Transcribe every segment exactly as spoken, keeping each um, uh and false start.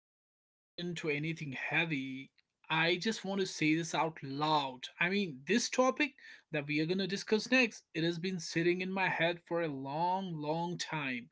we even get into anything heavy, I just want to say this out loud. I mean, this topic that we are going to discuss next, it has been sitting in my head for a long, long time.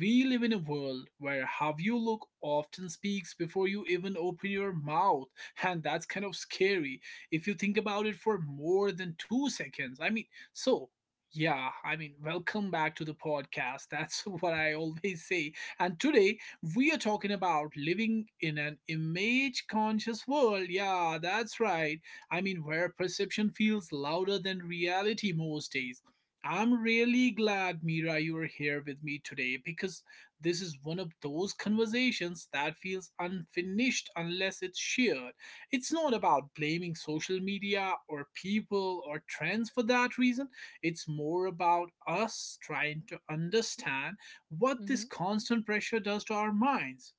We live in a world where how you look often speaks before you even open your mouth, and that's kind of scary if you think about it for more than two seconds. I mean, so yeah, I mean, welcome back to the podcast. That's what I always say. And today we are talking about living in an image conscious world. Yeah, that's right. I mean, where perception feels louder than reality most days. I'm really glad, Mira, you are here with me today because this is one of those conversations that feels unfinished unless it's shared. It's not about blaming social media or people or trends for that reason. It's more about us trying to understand what Mm-hmm. this constant pressure does to our minds.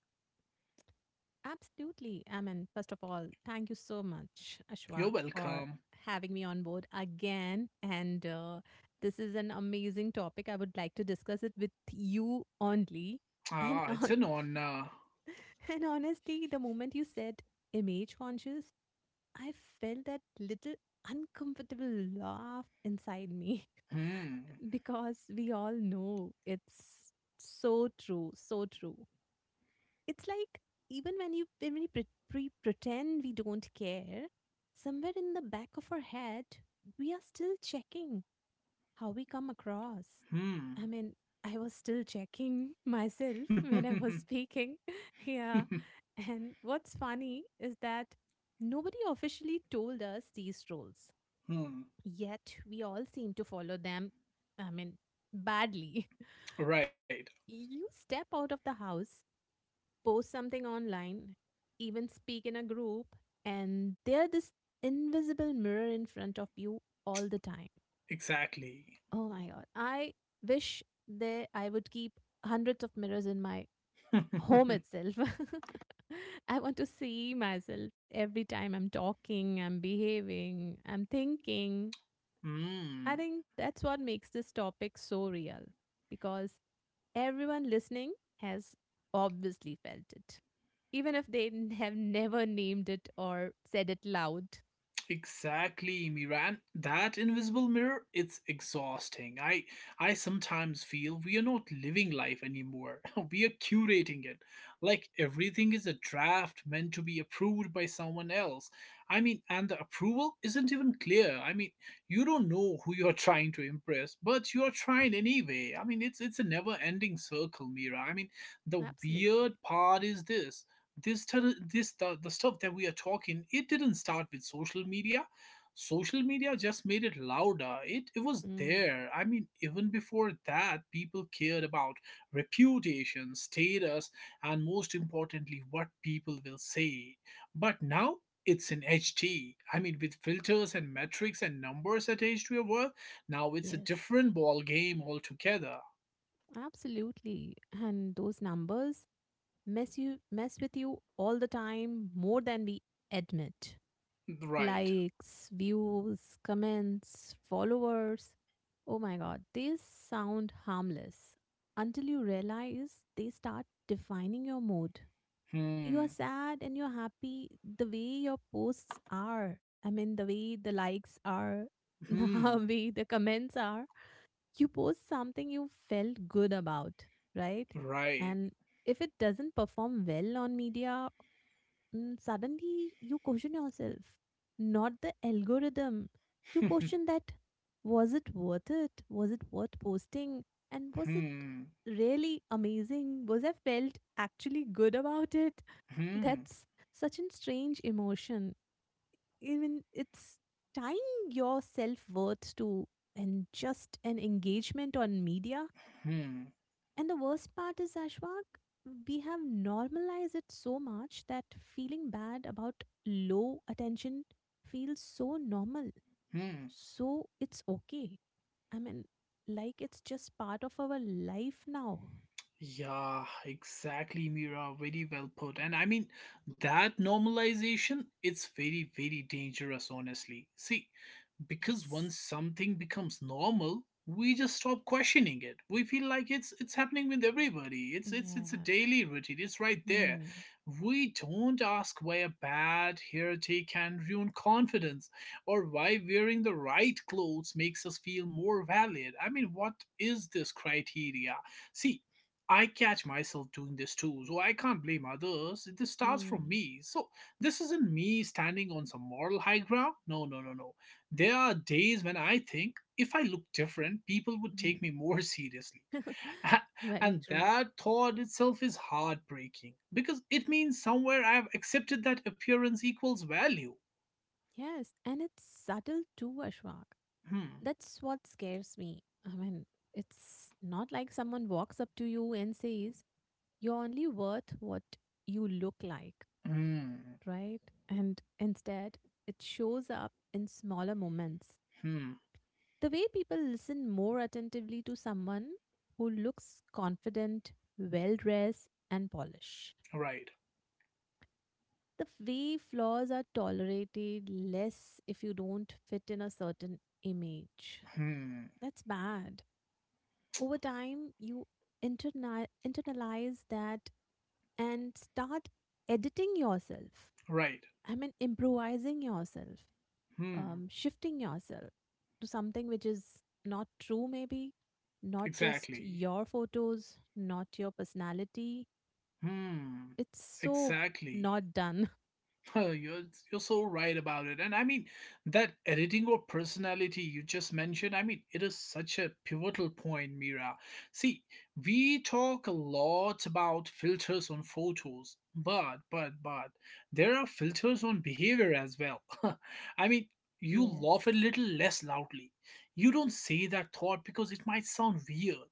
Absolutely. I mean, first of all, thank you so much, You're Ashwak, for welcome. having me on board again. And uh, this is an amazing topic. I would like to discuss it with you only. And Ah, it's on, an honor. and honestly, the moment you said image conscious, I felt that little uncomfortable laugh inside me Hmm. because we all know it's so true, so true. It's like even when you when we pre- pre- pretend we don't care, somewhere in the back of our head we are still checking how we come across. Hmm. I mean, I was still checking myself when I was speaking. Yeah. And what's funny is that nobody officially told us these rules, Hmm. yet we all seem to follow them, I mean, badly. Right. You step out of the house, post something online, even speak in a group, and they're this invisible mirror in front of you all the time. Exactly. Oh my god. I wish that I would keep hundreds of mirrors in my home itself. I want to see myself every time I'm talking, I'm behaving, I'm thinking. I Hmm. think that's what makes this topic so real because everyone listening has obviously felt it, even if they n- have never named it or said it loud. Exactly, Miran. That invisible mirror, it's exhausting. I I sometimes feel we are not living life anymore. We are curating it. Like everything is a draft meant to be approved by someone else. I mean, and the approval isn't even clear. I mean, you don't know who you're trying to impress, but you're trying anyway. I mean, it's it's a never-ending circle, Mira. I mean, the Absolutely. weird part is this this tel- this the, the stuff that we are talking, it didn't start with social media. Social media just made it louder. It it was Mm, there. I mean, even before that, people cared about reputation, status, and most importantly, what people will say. But now it's in H T. I mean, with filters and metrics and numbers attached to your work, now it's a yes, different ball game altogether. absolutely. And those numbers mess you mess with you all the time, more than we admit. Right. Likes, views, comments, followers. Oh my god, these sound harmless until you realize they start defining your mood. You're Hmm. sad and you're happy the way your posts are. I mean, the way the likes are, Hmm. the way the comments are. You post something you felt good about, right? Right. And if it doesn't perform well on media, mm, suddenly you question yourself, not the algorithm. You question that, was it worth it, was it worth posting, and was it Hmm. really amazing, was I felt actually good about it? Hmm, That's such a strange emotion. Even it's tying your self worth to and just an engagement on media. hmm, And the worst part is, Ashwak, we have normalized it so much that feeling bad about low attention feels so normal. hmm. So it's okay. I mean, like, it's just part of our life now. Yeah, exactly, Mira. Very well put. And I mean, that normalization, it's very, very dangerous, honestly. See, because Yes. once something becomes normal, we just stop questioning it. We feel like it's it's happening with everybody. It's it's it's a Yes. daily routine. It's right there. Hmm. We don't ask why a bad hairdo can ruin confidence, or why wearing the right clothes makes us feel more valid. I mean, what is this criteria? See, I catch myself doing this too, so I can't blame others. This starts from Hmm. me. So this isn't me standing on some moral high ground. No, no, no, no, there are days when I think if I look different, people would Hmm. take me more seriously. Very And true. that thought itself is heartbreaking, because it means somewhere I have accepted that appearance equals value. Yes, and it's subtle too, Ashwak. Hmm. That's what scares me. I mean, it's not like someone walks up to you and says, "You're only worth what you look like," Hmm. right? And instead, it shows up in smaller moments. Hmm. The way people listen more attentively to someone who looks confident, well dressed, and polished. Right. The way flaws are tolerated less if you don't fit in a certain image. Hmm. That's bad. Over time, you interni- internalize that and start editing yourself. Right. I mean, improvising yourself, Hmm. um, shifting yourself to something which is not true, maybe, not just Exactly. your photos, not your personality. Hmm. It's so Exactly. not done. Oh, you're you're so right about it. And I mean, that editing or personality you just mentioned, I mean, it is such a pivotal point, Mira. See, we talk a lot about filters on photos, but but but there are filters on behavior as well. I mean, you Yes. laugh a little less loudly. You don't say that thought because it might sound weird.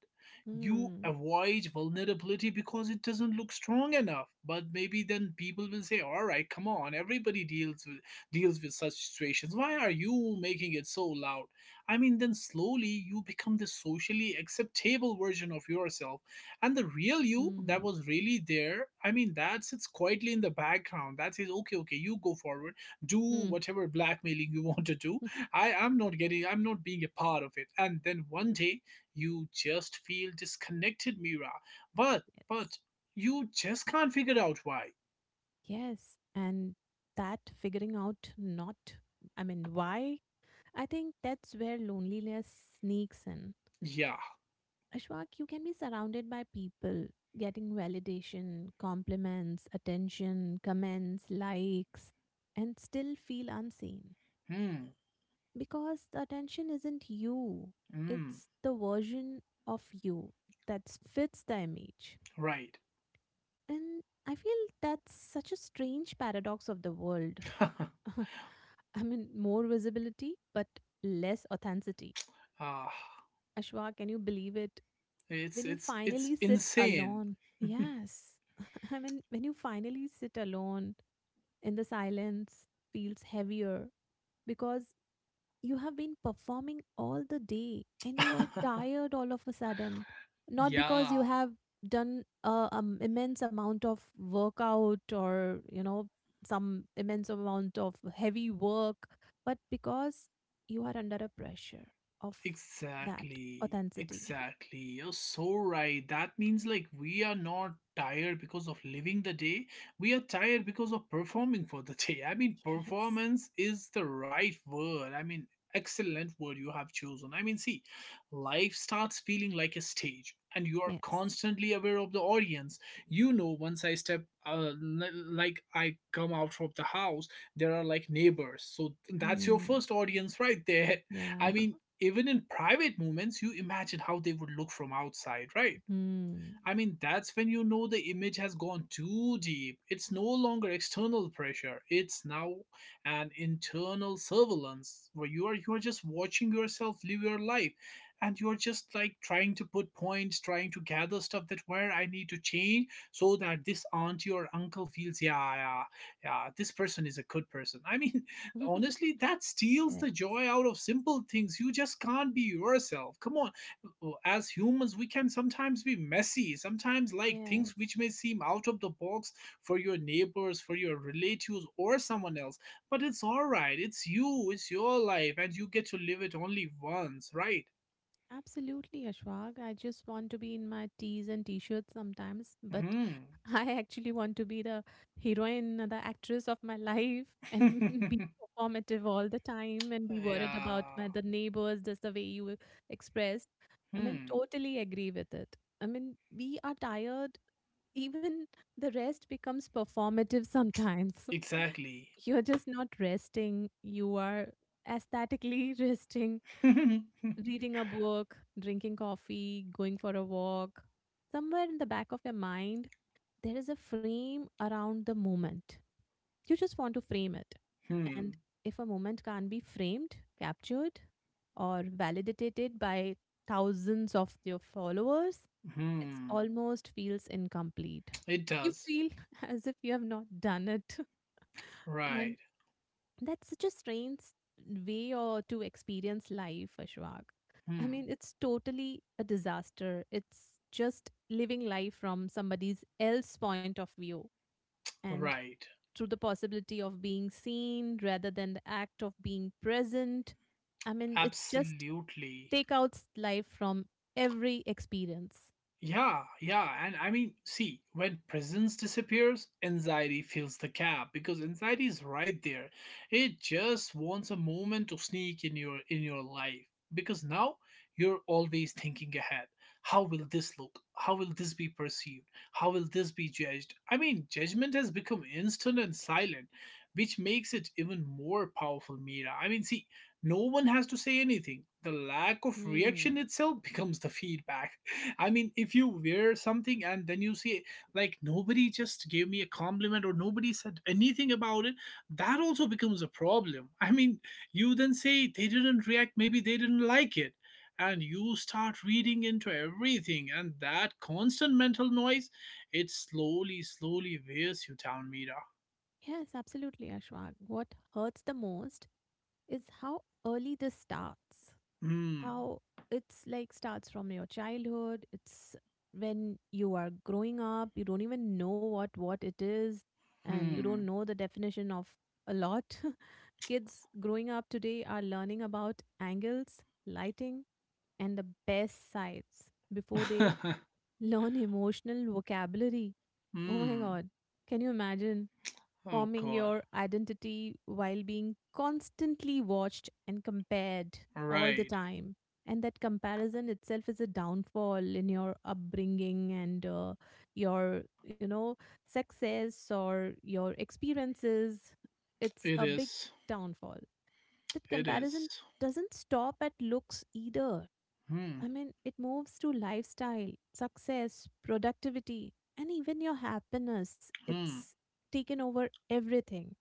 You Hmm. avoid vulnerability because it doesn't look strong enough. But maybe then people will say, all right, come on, everybody deals with deals with such situations, why are you making it so loud? I mean, then slowly you become the socially acceptable version of yourself. And the real you that Hmm. was really there, I mean, that sits quietly in the background, that says, okay, okay, you go forward, do Hmm. whatever blackmailing you want to do. i am not getting i'm not being a part of it. And then one day you just feel disconnected, Mira. But, Yes. but, you just can't figure out why. Yes. And that figuring out, not, I mean, why, I think that's where loneliness sneaks in. Yeah. Ashwak, you can be surrounded by people, getting validation, compliments, attention, comments, likes, and still feel unseen. Hmm. Because the attention isn't you, Hmm. it's the version of you that fits the image. Right. And I feel that's such a strange paradox of the world. I mean, more visibility, but less authenticity. Ah, Ashwa, can you believe it? it's, When you it's, it's finally sit insane. alone Yes. I mean, when you finally sit alone, in the silence feels heavier, because you have been performing all the day and you are tired all of a sudden. Not because you Yeah. have done a um, immense amount of workout, or you know some immense amount of heavy work, but because you are under a pressure of that Exactly. authenticity. Exactly. You're so right. That means like we are not tired because of living the day. We are tired because of performing for the day. I mean, Yes. performance is the right word. I mean, excellent word you have chosen. I mean, see, life starts feeling like a stage, and you are Yes. constantly aware of the audience. You know, once I step uh, li- like I come out from the house, there are like neighbors. So that's your Mm, first audience right there. yeah. I mean, even in private moments you imagine how they would look from outside, right? Mm. I mean, that's when you know the image has gone too deep. It's no longer external pressure. It's now an internal surveillance where you are you are just watching yourself live your life, and you're just like trying to put points, trying to gather stuff that where I need to change so that this auntie or uncle feels, yeah, yeah, yeah, this person is a good person. I mean, honestly, that steals the Yes. joy out of simple things. You just can't be yourself. Come on. Oh, as humans we can sometimes be messy sometimes, like things Yes. which may seem out of the box for your neighbors, for your relatives, or someone else. But it's all right. It's you. It's your life, and you get to live it only once, right? Absolutely, Ashwag. I just want to be in my tees and t-shirts sometimes, but Hmm. I actually want to be the heroine, the actress of my life, and be performative all the time and be worried about Yeah. my the neighbors, just the way you expressed. I mean, Hmm. totally agree with it. I mean, we are tired. Even the rest becomes performative sometimes. Exactly. You're just not resting. You are aesthetically resting, Hmm. reading a book, drinking coffee, going for a walk. Somewhere in the back of your mind, there is a frame around the moment. You just want to frame it. And if a moment can't be framed, captured, or validated by thousands of your followers, it Hmm. almost feels incomplete. It You does. feel as if you have not done it. Right. And that's such a strange way or to experience life, Ashwag. I Hmm. mean, it's totally a disaster. It's just living life from somebody's else point of view and Right. through the possibility of being seen rather than the act of being present. I mean, it just Absolutely. take out life from every experience. Yeah, yeah. And I mean, see, when presence disappears, anxiety fills the gap, because anxiety is right there. It just wants a moment to sneak in your in your life, because now you're always thinking ahead. How will this look? How will this be perceived? How will this be judged? I mean, judgment has become instant and silent, which makes it even more powerful, Mira. I mean, see, no one has to say anything. The lack of reaction Hmm. itself becomes the feedback. I mean, if you wear something and then you see, like, nobody just gave me a compliment or nobody said anything about it, that also becomes a problem. I mean, you then say, they didn't react, maybe they didn't like it. And you start reading into everything, and that constant mental noise, it slowly, slowly wears you down, Mira. Yes, absolutely, Ashwag. What hurts the most is how early this starts. Hmm. How it's like starts from your childhood. It's when you are growing up, you don't even know what what it is, and you don't Hmm. know the definition of a lot. Kids growing up today are learning about angles, lighting, and the best sides before they learn emotional vocabulary. Oh my Hmm. god, can you imagine Oh, forming God. your identity while being constantly watched and compared all the Right. time? And that comparison itself is a downfall in your upbringing and uh, your, you know, success or your experiences. It's It a big is. downfall. That It comparison is. doesn't stop at looks either. Hmm. I mean, it moves to lifestyle, success, productivity, and even your happiness. Hmm. It's taken over everything.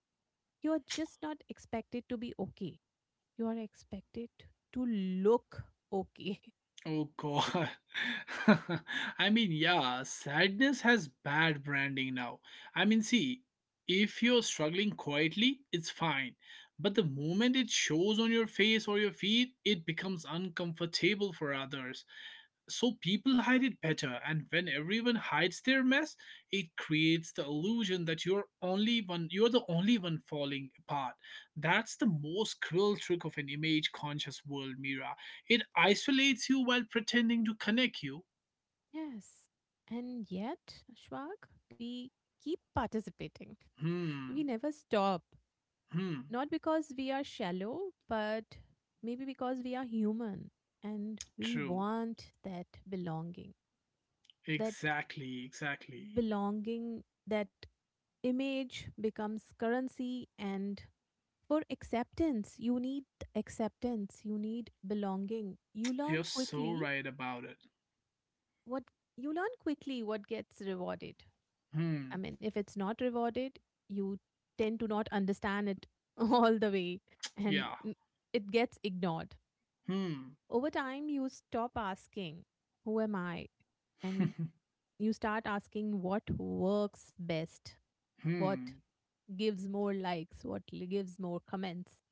You are just not expected to be okay. You are expected to look okay. Oh, god. I mean, yeah, sadness has bad branding now. I mean, see, if you're struggling quietly, it's fine. But the moment it shows on your face or your feet, it becomes uncomfortable for others. So people hide it better, and when everyone hides their mess, it creates the illusion that you're only one you're the only one falling apart. That's the most cruel trick of an image conscious world, Mira. It isolates you while pretending to connect you. Yes. And yet, Ashwag, we keep participating. We Hmm. never stop. Hmm. Not because we are shallow, but maybe because we are human and we True. want that belonging. That Exactly, exactly. belonging, that image becomes currency. And for acceptance, you need acceptance, you need belonging. You learn You're so quickly right about it. what you learn quickly what gets rewarded. I Hmm. mean, if it's not rewarded, you tend to not understand it all the way, and Yeah. n- it gets ignored. Hmm. Over time, you stop asking, "Who am I?" and you start asking what works best, what Hmm. gives more likes, what li- gives more comments.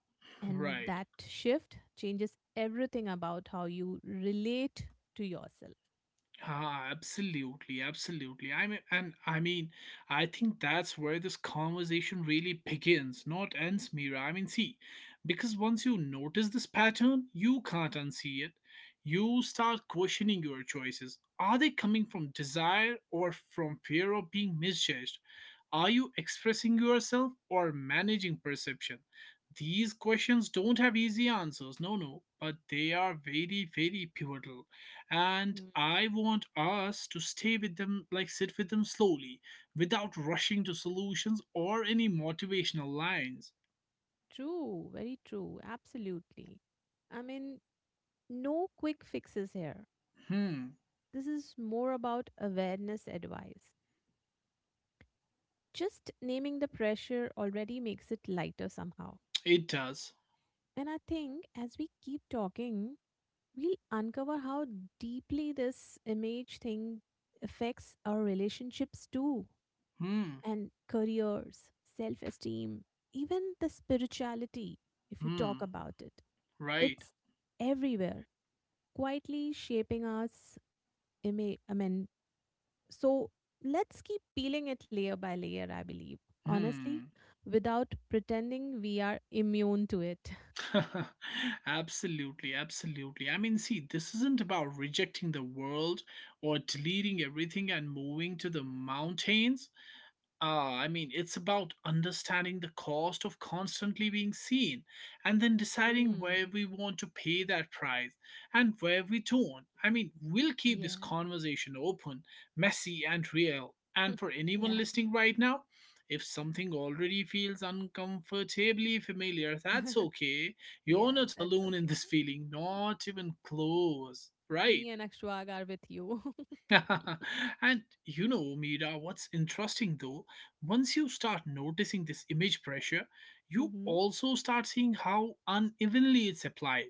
And Right. that shift changes everything about how you relate to yourself. Ah, absolutely, absolutely. I mean, and I mean, I think that's where this conversation really begins, not ends, Mira. I mean, see, because once you notice this pattern, you can't unsee it. You start questioning your choices. Are they coming from desire or from fear of being misjudged? Are you expressing yourself or managing perception? These questions don't have easy answers, no, no, but they are very, very pivotal. And Mm. I want us to stay with them, like sit with them slowly, without rushing to solutions or any motivational lines. True, very true, absolutely. I mean, no quick fixes here. Hmm. This is more about awareness advice. Just naming the pressure already makes it lighter somehow. It does. And I think as we keep talking, we'll uncover how deeply this image thing affects our relationships too, Hmm. and careers, self esteem, even the spirituality, if you talk Hmm. about it. Right. It's everywhere, quietly shaping us. ima- I mean, so let's keep peeling it layer by layer, I believe, Hmm. honestly, without pretending we are immune to it. Absolutely, absolutely. I mean, see, this isn't about rejecting the world or deleting everything and moving to the mountains. Ah, I mean, it's about understanding the cost of constantly being seen, and then deciding where Hmm. we want to pay that price and where we don't. I mean, we'll keep this Yeah. conversation open, messy, and real. And for anyone Yeah. listening right now, if something already feels uncomfortably familiar, that's okay. You're Yeah, not that's alone in okay. this feeling, not even close, right? Me and Akshwag are with you. And you know, Mira, what's interesting though, once you start noticing this image pressure, you Mm-hmm. also start seeing how unevenly it's applied.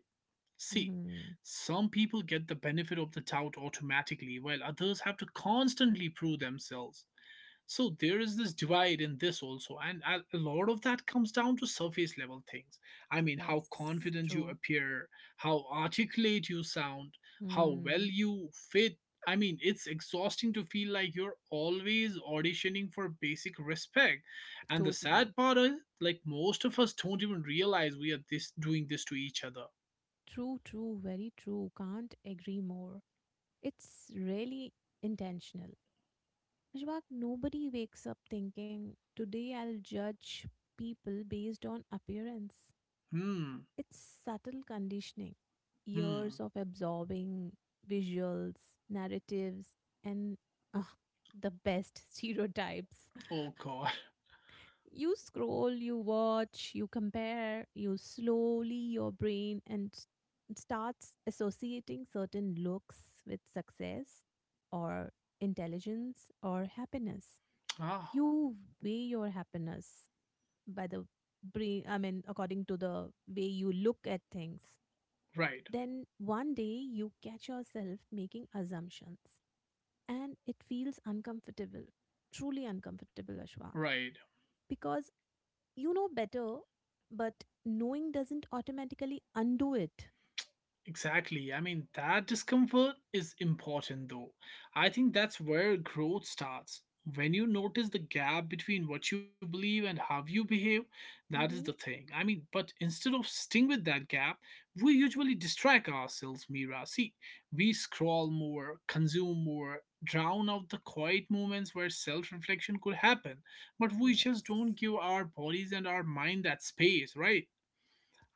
See, Mm-hmm. some people get the benefit of the doubt automatically, while others have to constantly prove themselves. So there is this divide in this also, and a a lot of that comes down to surface level things. I mean, how Yes, confident you true. appear, how articulate you sound, how well Mm. you fit. I mean, it's exhausting to feel like you're always auditioning for basic respect. And the Totally. sad part is, like, most of us don't even realize we are this doing this to each other. True, true, very true. Can't agree more. It's really intentional. Ashwak, nobody wakes up thinking, today I'll judge people based on appearance. Hmm. It's subtle conditioning, Hmm. years of absorbing visuals, narratives, and uh, the best stereotypes. Oh, god. You scroll, you watch, you compare, you slowly your brain and s- starts associating certain looks with success or intelligence or happiness. Ah. You weigh your happiness by the brain, I mean, according to the way you look at things. Right. Then one day you catch yourself making assumptions, and it feels uncomfortable, truly uncomfortable, Ashwak, Right. because you know better, but knowing doesn't automatically undo it. Exactly. I mean, that discomfort is important though. I think that's where growth starts. When you notice the gap between what you believe and how you behave, that is the Hmm. thing. I mean, but instead of sitting with that gap, we usually distract ourselves, Mira. See, we scroll more, consume more, drown out the quiet moments where self reflection could happen. But we just don't Yes. give our bodies and our mind that space, right?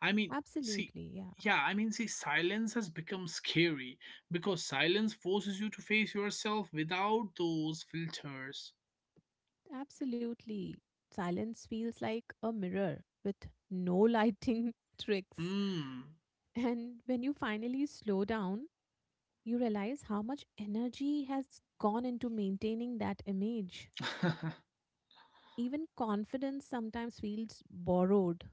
I mean, see, Absolutely. Yeah. yeah, I mean, see, Silence has become scary because silence forces you to face yourself without those filters. Absolutely. Silence feels like a mirror with no lighting tricks. Hmm. And when you finally slow down, you realize how much energy has gone into maintaining that image. Even confidence sometimes feels borrowed.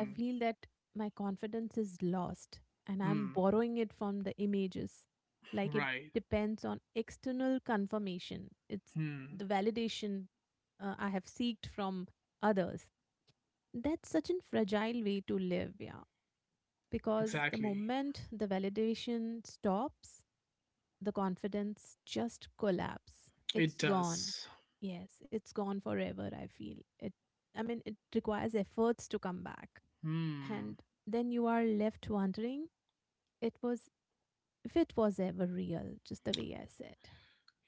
I feel that my confidence is lost and I'm Hmm. borrowing it from the images. Like, it Right. depends on external confirmation, it's Hmm. the validation uh, I have seeked from others. That's such a fragile way to live, yeah. Because the Exactly. moment the validation stops, the confidence just collapse. It It's gone. does. Yes, it's gone forever, I feel. It I mean it requires efforts to come back. Hmm. And then you are left wondering, it was if it was ever real, just the way I said.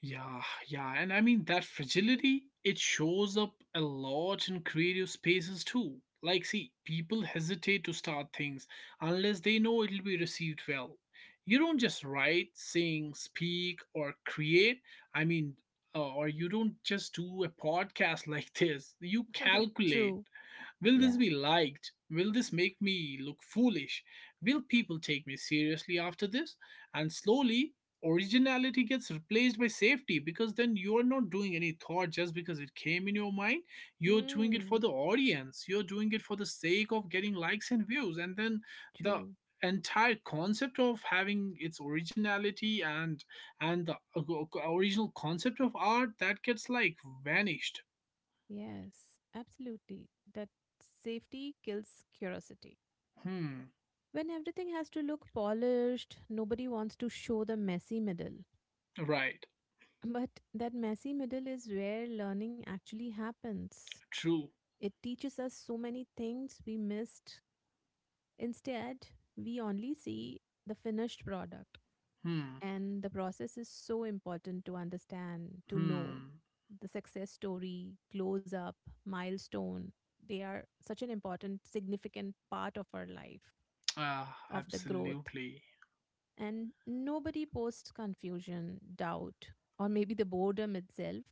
Yeah, yeah, and I mean that fragility, it shows up a lot in creative spaces too. Like, see, people hesitate to start things unless they know it'll be received well. You don't just write, sing, speak, or create. I mean, uh, or you don't just do a podcast like this. You calculate, True. will this Yeah. be liked? Will this make me look foolish? Will people take me seriously after this? And slowly, originality gets replaced by safety because then you are not doing any thought just because it came in your mind. You're doing it Hmm. for the audience, you're doing it for the sake of getting likes and views. And then the True. entire concept of having its originality and and the original concept of art that gets like vanished. Yes. Absolutely. That safety kills curiosity. Hmm. When everything has to look polished, nobody wants to show the messy middle. Right. But that messy middle is where learning actually happens. True. It teaches us so many things we missed. Instead, we only see the finished product. Hmm. And the process is so important to understand, to know. Hmm. The success story, close up, milestone, they are such an important, significant part of our life, Ah, of the growth. absolutely. And nobody posts confusion, doubt, or maybe the boredom itself.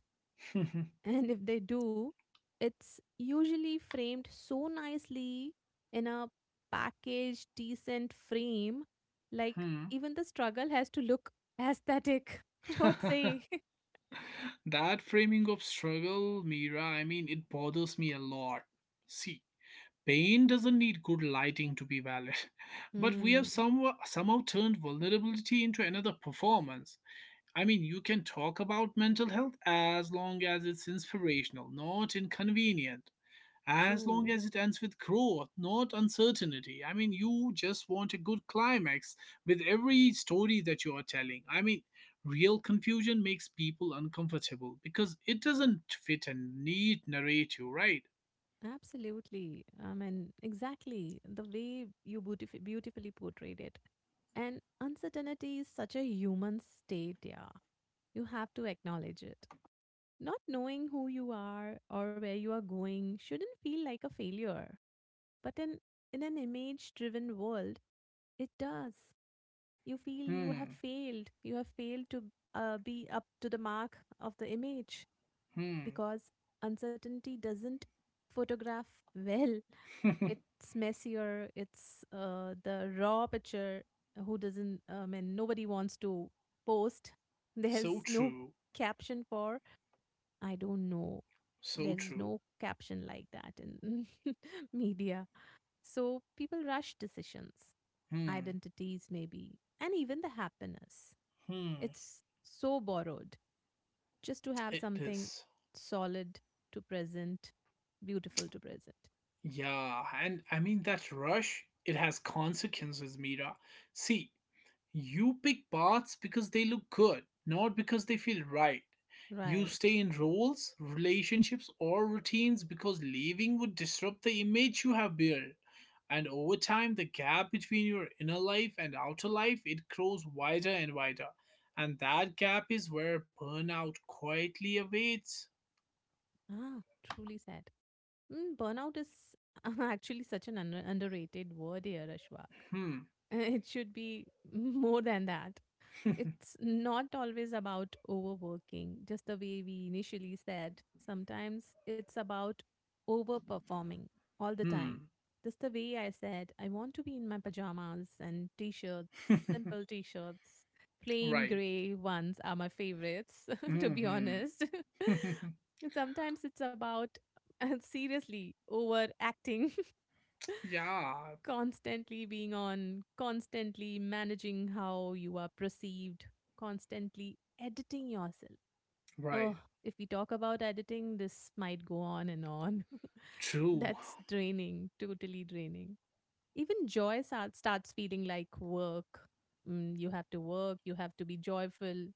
Hmm. And if they do, it's usually framed so nicely in a packaged, decent frame. Like, even the struggle has to look aesthetic. What say? That framing of struggle, Mira, I mean, it bothers me a lot. See, pain doesn't need good lighting to be valid, but we have Hmm, somehow, somehow turned vulnerability into another performance. I mean, you can talk about mental health as long as it's inspirational, not inconvenient, as long true. as it ends with growth, not uncertainty. I mean, you just want a good climax with every story that you are telling. I mean, real confusion makes people uncomfortable because it doesn't fit a neat narrative, right? Absolutely. I mean, exactly the way you beautif- beautifully portrayed it. And uncertainty is such a human state, yeah. You have to acknowledge it. Not knowing who you are or where you are going shouldn't feel like a failure, but in, in an image driven world, it does. You feel you have Hmm, failed. You have failed to uh, be up to the mark of the image hmm. because uncertainty doesn't photograph well. It's messier. It's uh, the raw picture. Who doesn't? uh, I mean, nobody wants to post. So There's no true, caption for I don't know. so There's true. no caption like that in media. So people rush decisions, Hmm, identities, maybe, and even the happiness. hmm. It's so borrowed just to have It something is. solid to present, beautiful to present. Yeah, and I mean, that rush, it has consequences, Mira. See, you pick paths because they look good, not because they feel right. You Right. stay in roles, relationships, or routines because leaving would disrupt the image you have built. And over time, the gap between your inner life and outer life, it grows wider and wider. And that gap is where burnout quietly awaits. Ah, truly said. Mm, burnout is actually such an under- underrated word here, Ashwak. Hmm. Uh, It should be more than that. It's not always about overworking, just the way we initially said. Sometimes it's about overperforming all the time. Hmm. Just the way I said, I want to be in my pajamas and t shirts, simple t shirts. Plain Right. gray ones are my favorites, to be Hmm. honest. And sometimes it's about uh, seriously overacting, Yeah. constantly being on, constantly managing how you are perceived, constantly editing yourself. Right. Oh, if we talk about editing, this might go on and on. True. That's draining, totally draining. Even joy sa- starts feeling like work. Mm, you have to work, you have to be joyful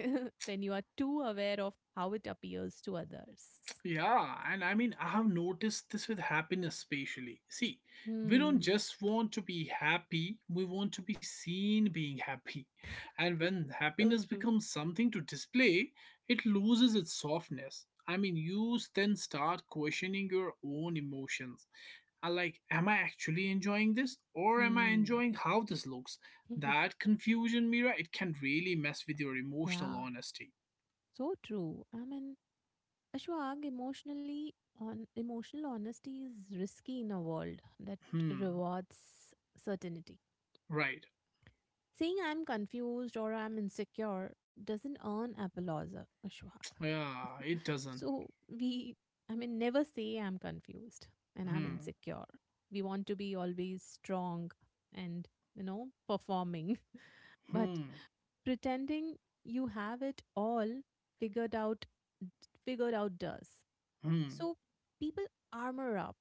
when you are too aware of how it appears to others. Yeah, and I mean, I have noticed this with happiness, especially. See, we don't Hmm. just want to be happy, we want to be seen being happy. And when So happiness true. becomes something to display, it loses its softness. I mean, you then start questioning your own emotions. I like, am I actually enjoying this or am I Hmm. enjoying how this looks? That confusion, Mira, it can really mess with your emotional Yeah. honesty. So true. I mean, Ashwag, emotionally on emotional honesty is risky in a world that Hmm, rewards certainty. right. Saying I'm confused or I'm insecure doesn't earn applause, uh, Ashwag. Yeah, it doesn't. So we I mean never say I'm confused and I'm Hmm. insecure. We want to be always strong and you know performing. But Hmm. pretending you have it all figured out figured out does. Hmm. So people armor up.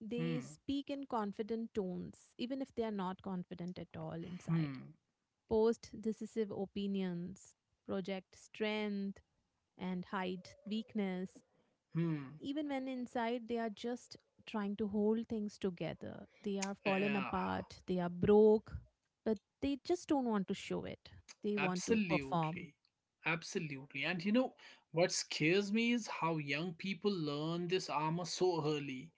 They Hmm. speak in confident tones, even if they are not confident at all inside. Hmm. Post decisive opinions, project strength, and hide weakness. Hmm. Even when inside they are just trying to hold things together. They are fallen Yeah. apart, they are broke, but they just don't want to show it. They want to perform. Absolutely. Absolutely. And you know what scares me is how young people learn this armor so early.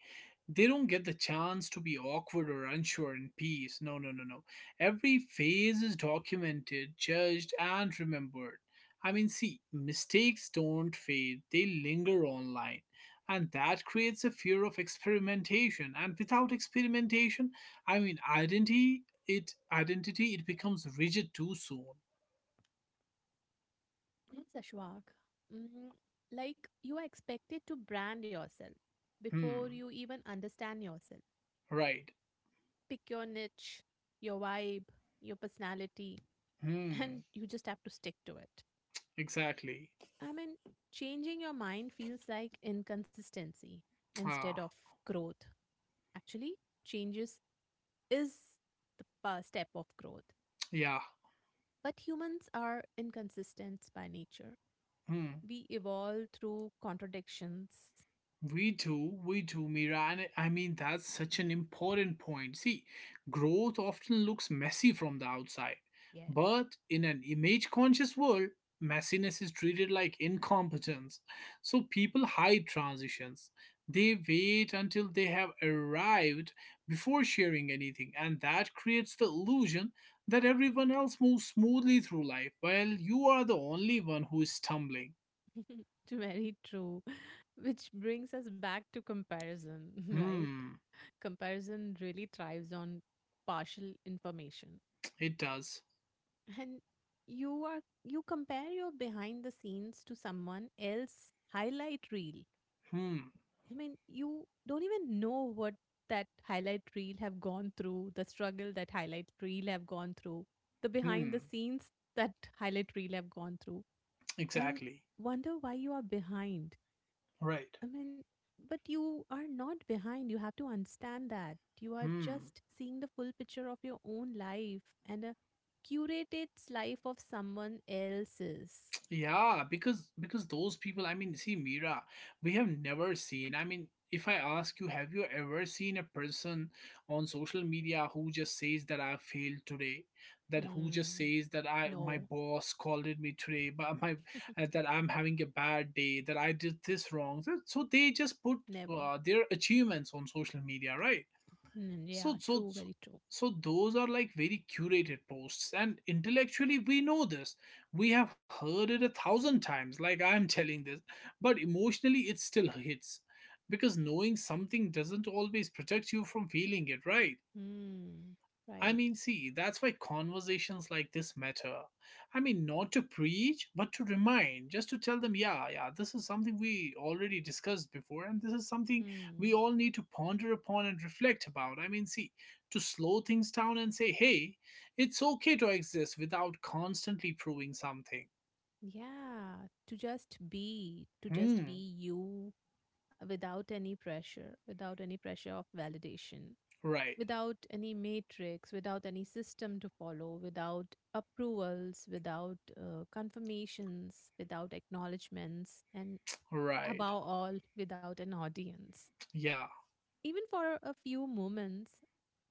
They don't get the chance to be awkward or unsure in peace. No, no, no, no. Every phase is documented, judged, and remembered. I mean, see, mistakes don't fade, they linger online. And that creates a fear of experimentation. And without experimentation, I mean, identity it identity it becomes rigid too soon. Yes, Ashwak. Mm, like you are expected to brand yourself before Hmm. you even understand yourself. Right. Pick your niche, your vibe, your personality, and Hmm. you just have to stick to it. Exactly. I mean, changing your mind feels like inconsistency instead Ah, of growth. Actually, changes is the first step of growth. yeah. But humans are inconsistent by nature. Hmm. We evolve through contradictions. We do, we do, Mira. And I mean, that's such an important point. See, growth often looks messy from the outside, Yes. but in an image conscious world, messiness is treated like incompetence. So people hide transitions. They wait until they have arrived before sharing anything, and that creates the illusion that everyone else moves smoothly through life while you are the only one who is stumbling. Very true. Which brings us back to comparison, right? Hmm, Comparison really thrives on partial information. it does. And you are you compare your behind the scenes to someone else highlight reel. Hmm. I mean, you don't even know what that highlight reel have gone through, the struggle that highlight reel have gone through, the behind the Hmm. scenes that highlight reel have gone through. And Exactly. wonder why you are behind. Right. I mean, but you are not behind. You have to understand that. You are Hmm. just seeing the full picture of your own life and a curated life of someone else's. Yeah, because because those people, I mean, see, Mira, we have never seen. I mean, if I ask you, have you ever seen a person on social media who just says that I failed today, that who just Hmm. says that I my No, boss scolded me today, but my uh, that I'm having a bad day, that I did this wrong. So so they just put never. uh, their achievements on social media, right? Mm, yeah, So, so, true, so, very true. so those are like very curated posts, and intellectually we know this. We have heard it a thousand times, like I'm telling this, but emotionally it still hits because knowing something doesn't always protect you from feeling it, right? Hmm. I Right. Mean, see, that's why conversations like this matter. I mean, not to preach, but to remind, just to tell them, yeah, yeah, this is something we already discussed before, and this is something Hmm. we all need to ponder upon and reflect about. I mean, see, to slow things down and say, hey, it's okay to exist without constantly proving something. Yeah, to just be, to just Hmm, be you uh, without any pressure, without any pressure of validation. right, Without any matrix, without any system to follow, without approvals, without uh, confirmations, without acknowledgements, and right, above all, without an audience. yeah, Even for a few moments,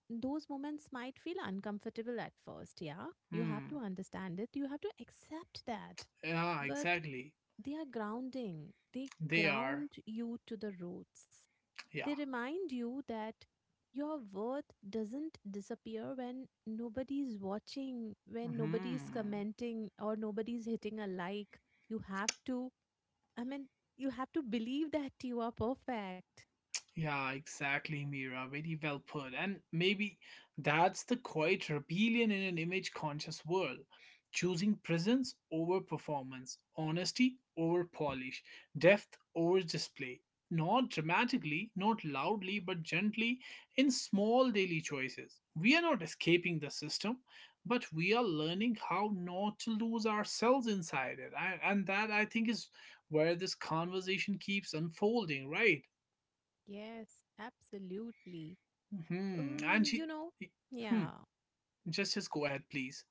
those moments might feel uncomfortable at first, yeah? You have to hmm, understand it, you have to accept that. yeah, But exactly. they are grounding, they They are, ground you to the roots. They yeah, remind you that your worth doesn't disappear when nobody's watching, when nobody's hmm. commenting, or nobody's hitting a like. You have to, I mean, you have to believe that you are perfect. Yeah, exactly, Mira. Very well put. And maybe that's the quiet rebellion in an image conscious world. Choosing presence over performance, honesty over polish, depth over display. Not dramatically, not loudly, but gently, in small daily choices. We are not escaping the system, but we are learning how not to lose ourselves inside it. I, and that I think is where this conversation keeps unfolding, right? Yes, absolutely. Hmm. And Um, he, you know, he- hmm. yeah. Just just go ahead, please.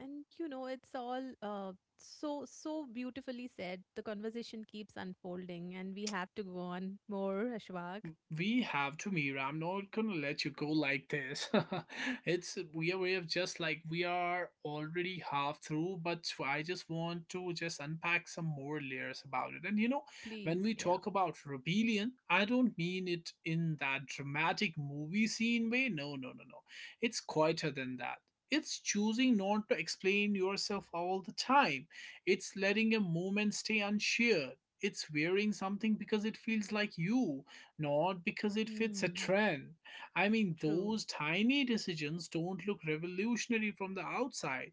And you know, it's all uh so so beautifully said. The conversation keeps unfolding and we have to go on more, Ashwag. We have to meet. I'm not gonna let you go like this. it's we are we have just like we are already half through, but so I just want to just unpack some more layers about it. And you know, when Please, we yeah. talk about rebellion, I don't mean it in that dramatic movie scene way. No, no, no, no. It's quieter than that. It's choosing not to explain yourself all the time. It's letting a moment stay unshared. It's wearing something because it feels like you, not because it fits a Hmm. trend. I mean, True. Those tiny decisions don't look revolutionary from the outside,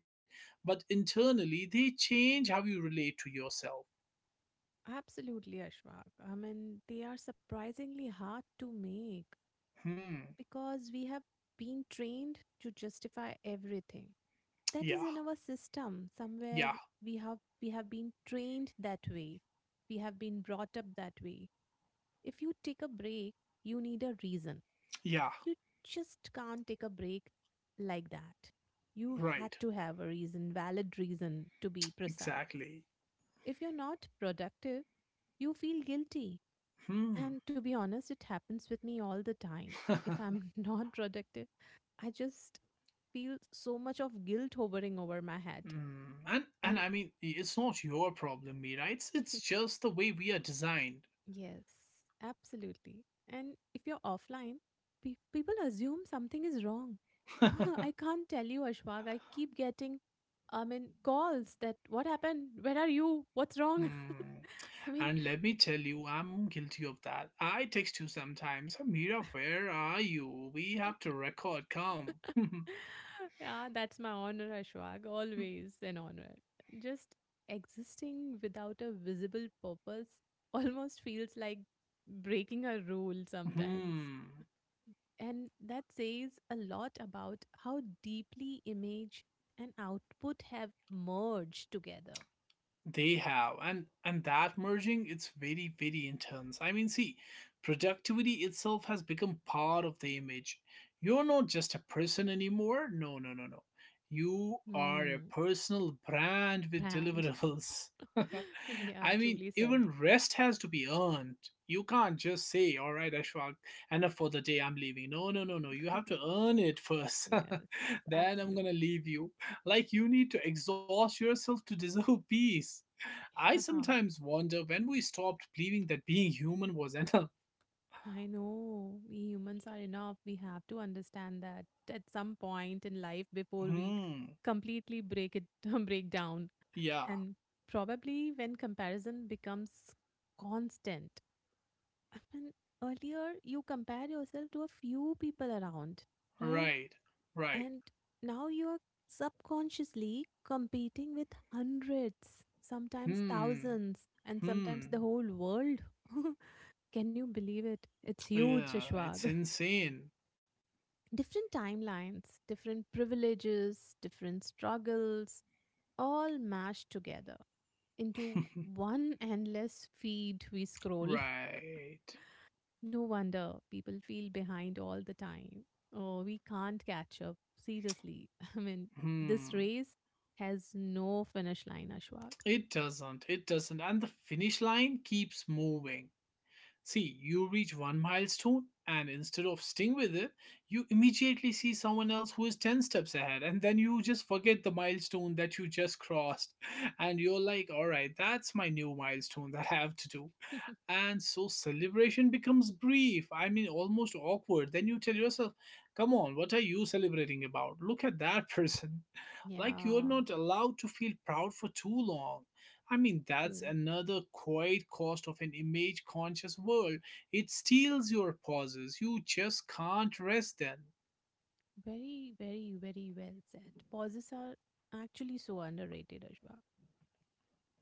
but internally they change how you relate to yourself. Absolutely, Ashwag. I mean, they are surprisingly hard to make Hmm. because we have been trained to justify everything. That is Yeah. in our system. Somewhere Yeah. we have we have been trained that way. We have been brought up that way. If you take a break, you need a reason. Yeah. You just can't take a break like that. You had Right. to have a reason, valid reason to be precise. Exactly. If you're not productive, you feel guilty. Hmm. And to be honest, it happens with me all the time. If I'm not productive, I just feel so much of guilt hovering over my head. Mm, and and And I mean, it's not your problem, Mira. It's it's just the way we are designed. yes, absolutely. And if you're offline, pe- people assume something is wrong. I can't tell you, Ashwag. I keep getting, I mean, calls that what happened? Where are you? What's wrong? Hmm. I mean, And let me tell you, I'm guilty of that. I text you sometimes. Mira, where are you? We have to record. Come. yeah, that's my honor, Ashwag. Always an honor. Just existing without a visible purpose almost feels like breaking a rule sometimes. Hmm. And that says a lot about how deeply image and output have merged together. They have, and and that merging, it's very very intense. I mean, see, productivity itself has become part of the image. You're not just a person anymore. No, no, no, no. You are a Hmm, personal brand with brand. deliverables. Yeah, I mean, truly said. even rest has to be earned. You can't just say, "All right, Ashwag, enough for the day. I'm leaving." No, no, no, no. You have to earn it first. Yes, Then I'm gonna absolutely. leave you. Like you need to exhaust yourself to deserve peace. I sometimes wonder when we stopped believing that being human was enough. I know we humans are enough. We have to understand that at some point in life before we Hmm. completely break it break down. Yeah, And probably when comparison becomes constant. I mean, earlier you compare yourself to a few people around, right? right, right. And now you are subconsciously competing with hundreds, sometimes Hmm, thousands, and sometimes the hmm. whole world. Can you believe it? It's huge, Yeah, Ishwag. it's insane. Different timelines, different privileges, different struggles, all mashed together into one endless feed we scroll. Right. No wonder people feel behind all the time. Oh, we can't catch up. Seriously. I mean, this Hmm. race has no finish line, Ashwag. It doesn't, it doesn't. And the finish line keeps moving. See, you reach one milestone, and instead of staying with it, you immediately see someone else who is ten steps ahead, and then you just forget the milestone that you just crossed. And you're like, all right, that's my new milestone that I have to do. And so celebration becomes brief, I mean, almost awkward. Then you tell yourself, come on, what are you celebrating about? Look at that person. Like you're Yeah, not allowed to feel proud for too long. I mean, that's true. another quiet cost of an image conscious world. It steals your pauses. You just can't rest then. Very, very, very well said. Pauses are actually so underrated, Ashwag.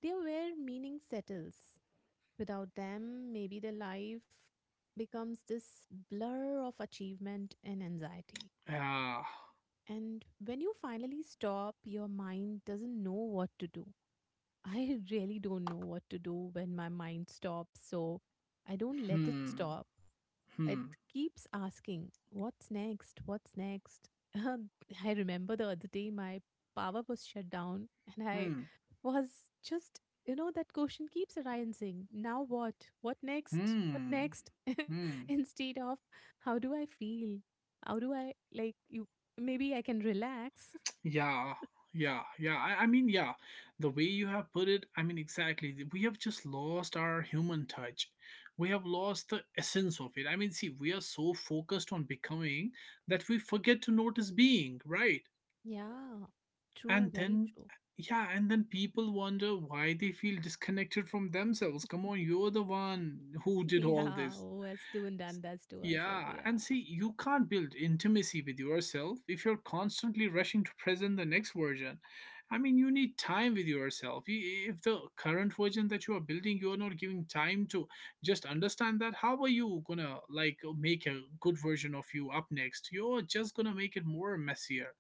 They are where meaning settles. Without them, maybe the life becomes this blur of achievement and anxiety. Ah, And when you finally stop, your mind doesn't know what to do. I really don't know what to do when my mind stops, so I don't let it hmm, stop. It hmm, keeps asking, what's next? What's next? I remember the other day my power was shut down and I hmm, was just, you know, that question keeps arising. Now what? What next? What hmm, next? hmm. Instead of how do I feel? How do I like you? Maybe I can relax. Yeah, yeah, yeah. I, I mean, yeah, the way you have put it, I mean, exactly. th- We have just lost our human touch. We have lost the essence of it. I mean, see, we are so focused on becoming that we forget to notice being, right? Yeah, true, And very then, true. yeah, and then people wonder why they feel disconnected from themselves. Come on, you're the one who did all Yeah, this. who has done done that to us? Yeah, Yeah, and see, you can't build intimacy with yourself if you're constantly rushing to present the next version. I mean, you need time with yourself. I- If the current version that you are building, you are not giving time to just understand that, how are you gonna like make a good version of you up next? You're just gonna make it more messier.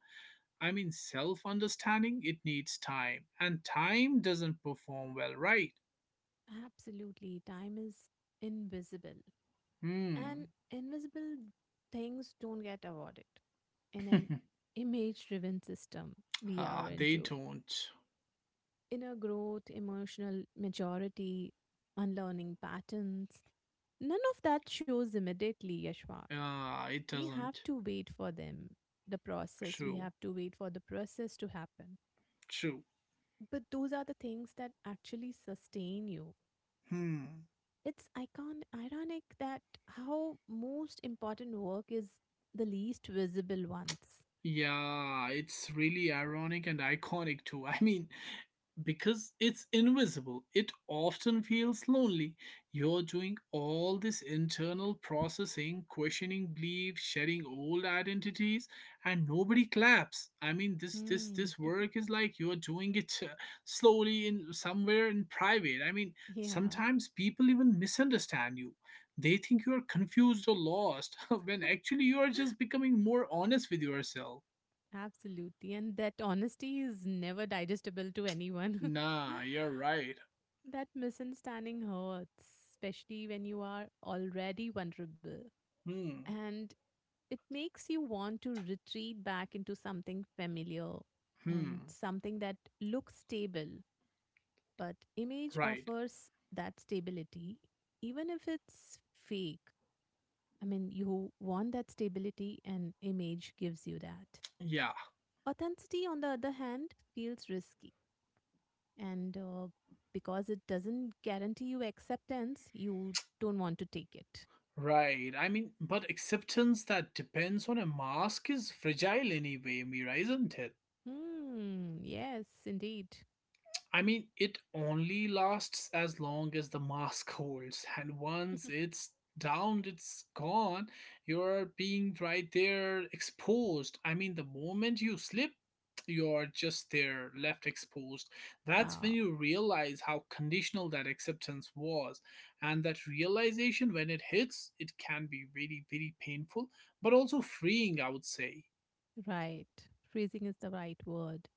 I mean, Self understanding, it needs time, and time doesn't perform well, right? absolutely. Time is invisible. And Hmm. invisible things don't get awarded in an image driven system we are Ah, they into. don't. Inner growth, emotional maturity, unlearning patterns. None of that shows immediately, Yashvak. Ah, it We have doesn't. to wait for them, the process. We True, have to wait for the process to happen. true. But those are the things that actually sustain you. Hmm. It's icon ironic that how most important work is the least visible ones. Yeah, it's really ironic and iconic too. I mean, because it's invisible, it often feels lonely. You're doing all this internal processing, questioning beliefs, shedding old identities, and nobody claps. I mean, this this Hmm. this work is like you're doing it uh, slowly in somewhere in private. I mean, Yeah, sometimes people even misunderstand you. They think you are confused or lost when actually you are just becoming more honest with yourself. absolutely. And that honesty is never digestible to anyone. Nah, you're right. That misunderstanding hurts, especially when you are already vulnerable. Hmm. And it makes you want to retreat back into something familiar Hmm. and something that looks stable. But image Right. offers that stability, even if it's fake. I mean, you want that stability, and image gives you that. Yeah, Authenticity, on the other hand, feels risky. And uh, because it doesn't guarantee you acceptance, you don't want to take it. right. I mean, but acceptance that depends on a mask is fragile anyway, Mira, isn't it? Hmm, yes, indeed. I mean, it only lasts as long as the mask holds, and once it's down, it's gone. You're being right there exposed. I mean, the moment you slip, you're just there left exposed. That's Yeah, when you realize how conditional that acceptance was. And that realization, when it hits, it can be very, very painful, but also freeing, I would say. right. Freezing is the right word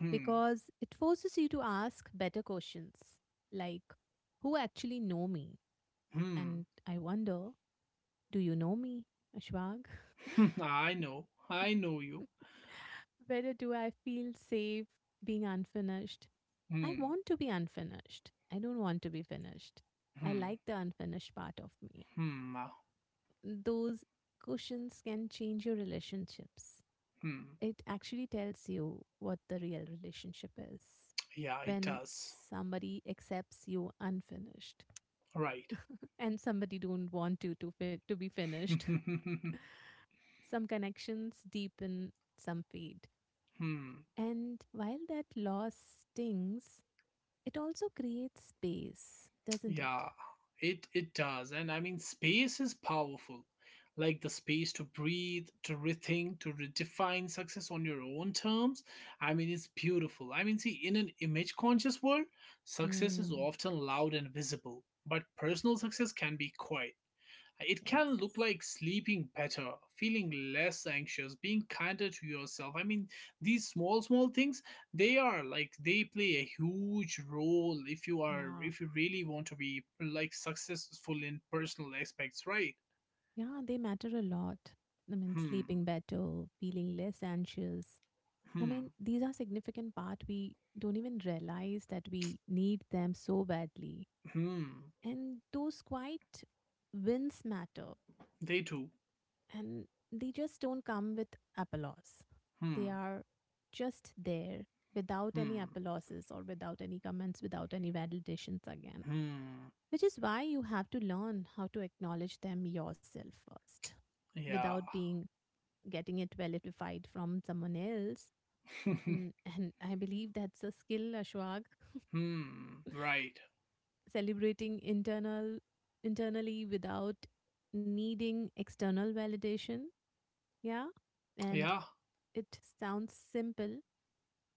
Hmm, because it forces you to ask better questions like, who actually know me? hmm. And I wonder, do you know me, Ashwag? I know, I know you. Where do I feel safe being unfinished? I Hmm. want to be unfinished. I don't want to be finished. I Hmm. like the unfinished part of me. Hmm. uh, Those cushions can change your relationships. Hmm. It actually tells you what the real relationship is Yeah, it when does. somebody accepts you unfinished Right. and somebody don't want you to fi- to be finished. Some connections deepen, some fade. hmm. And while that loss stings, it also creates space, doesn't it? Yeah, it it does. And I mean, space is powerful. Like the space to breathe, to rethink, to redefine success on your own terms. I mean, it's beautiful. I mean, see, in an image conscious world, success is Hmm. often loud and visible, but personal success can be quiet. It can look Yes. like sleeping better, feeling less anxious, being kinder to yourself. I mean, these small, small things, they are like they play a huge role if you are, Yeah. if you really want to be like successful in personal aspects, right? Yeah, they matter a lot. I mean, Hmm, sleeping better, feeling less anxious. I hmm, mean, these are significant part we don't even realize that we need them so badly. hmm. And those quiet wins matter. They do. And they just don't come with applause. They Hmm, are just there without any hmm, applauses or without any comments, without any validations again. hmm. Which is why you have to learn how to acknowledge them yourself first Yeah. without being getting it validified from someone else. Mm, and I believe that's a skill, Ashwag, hmm, right. celebrating internal internally without needing external validation. Yeah. And Yeah. it sounds simple,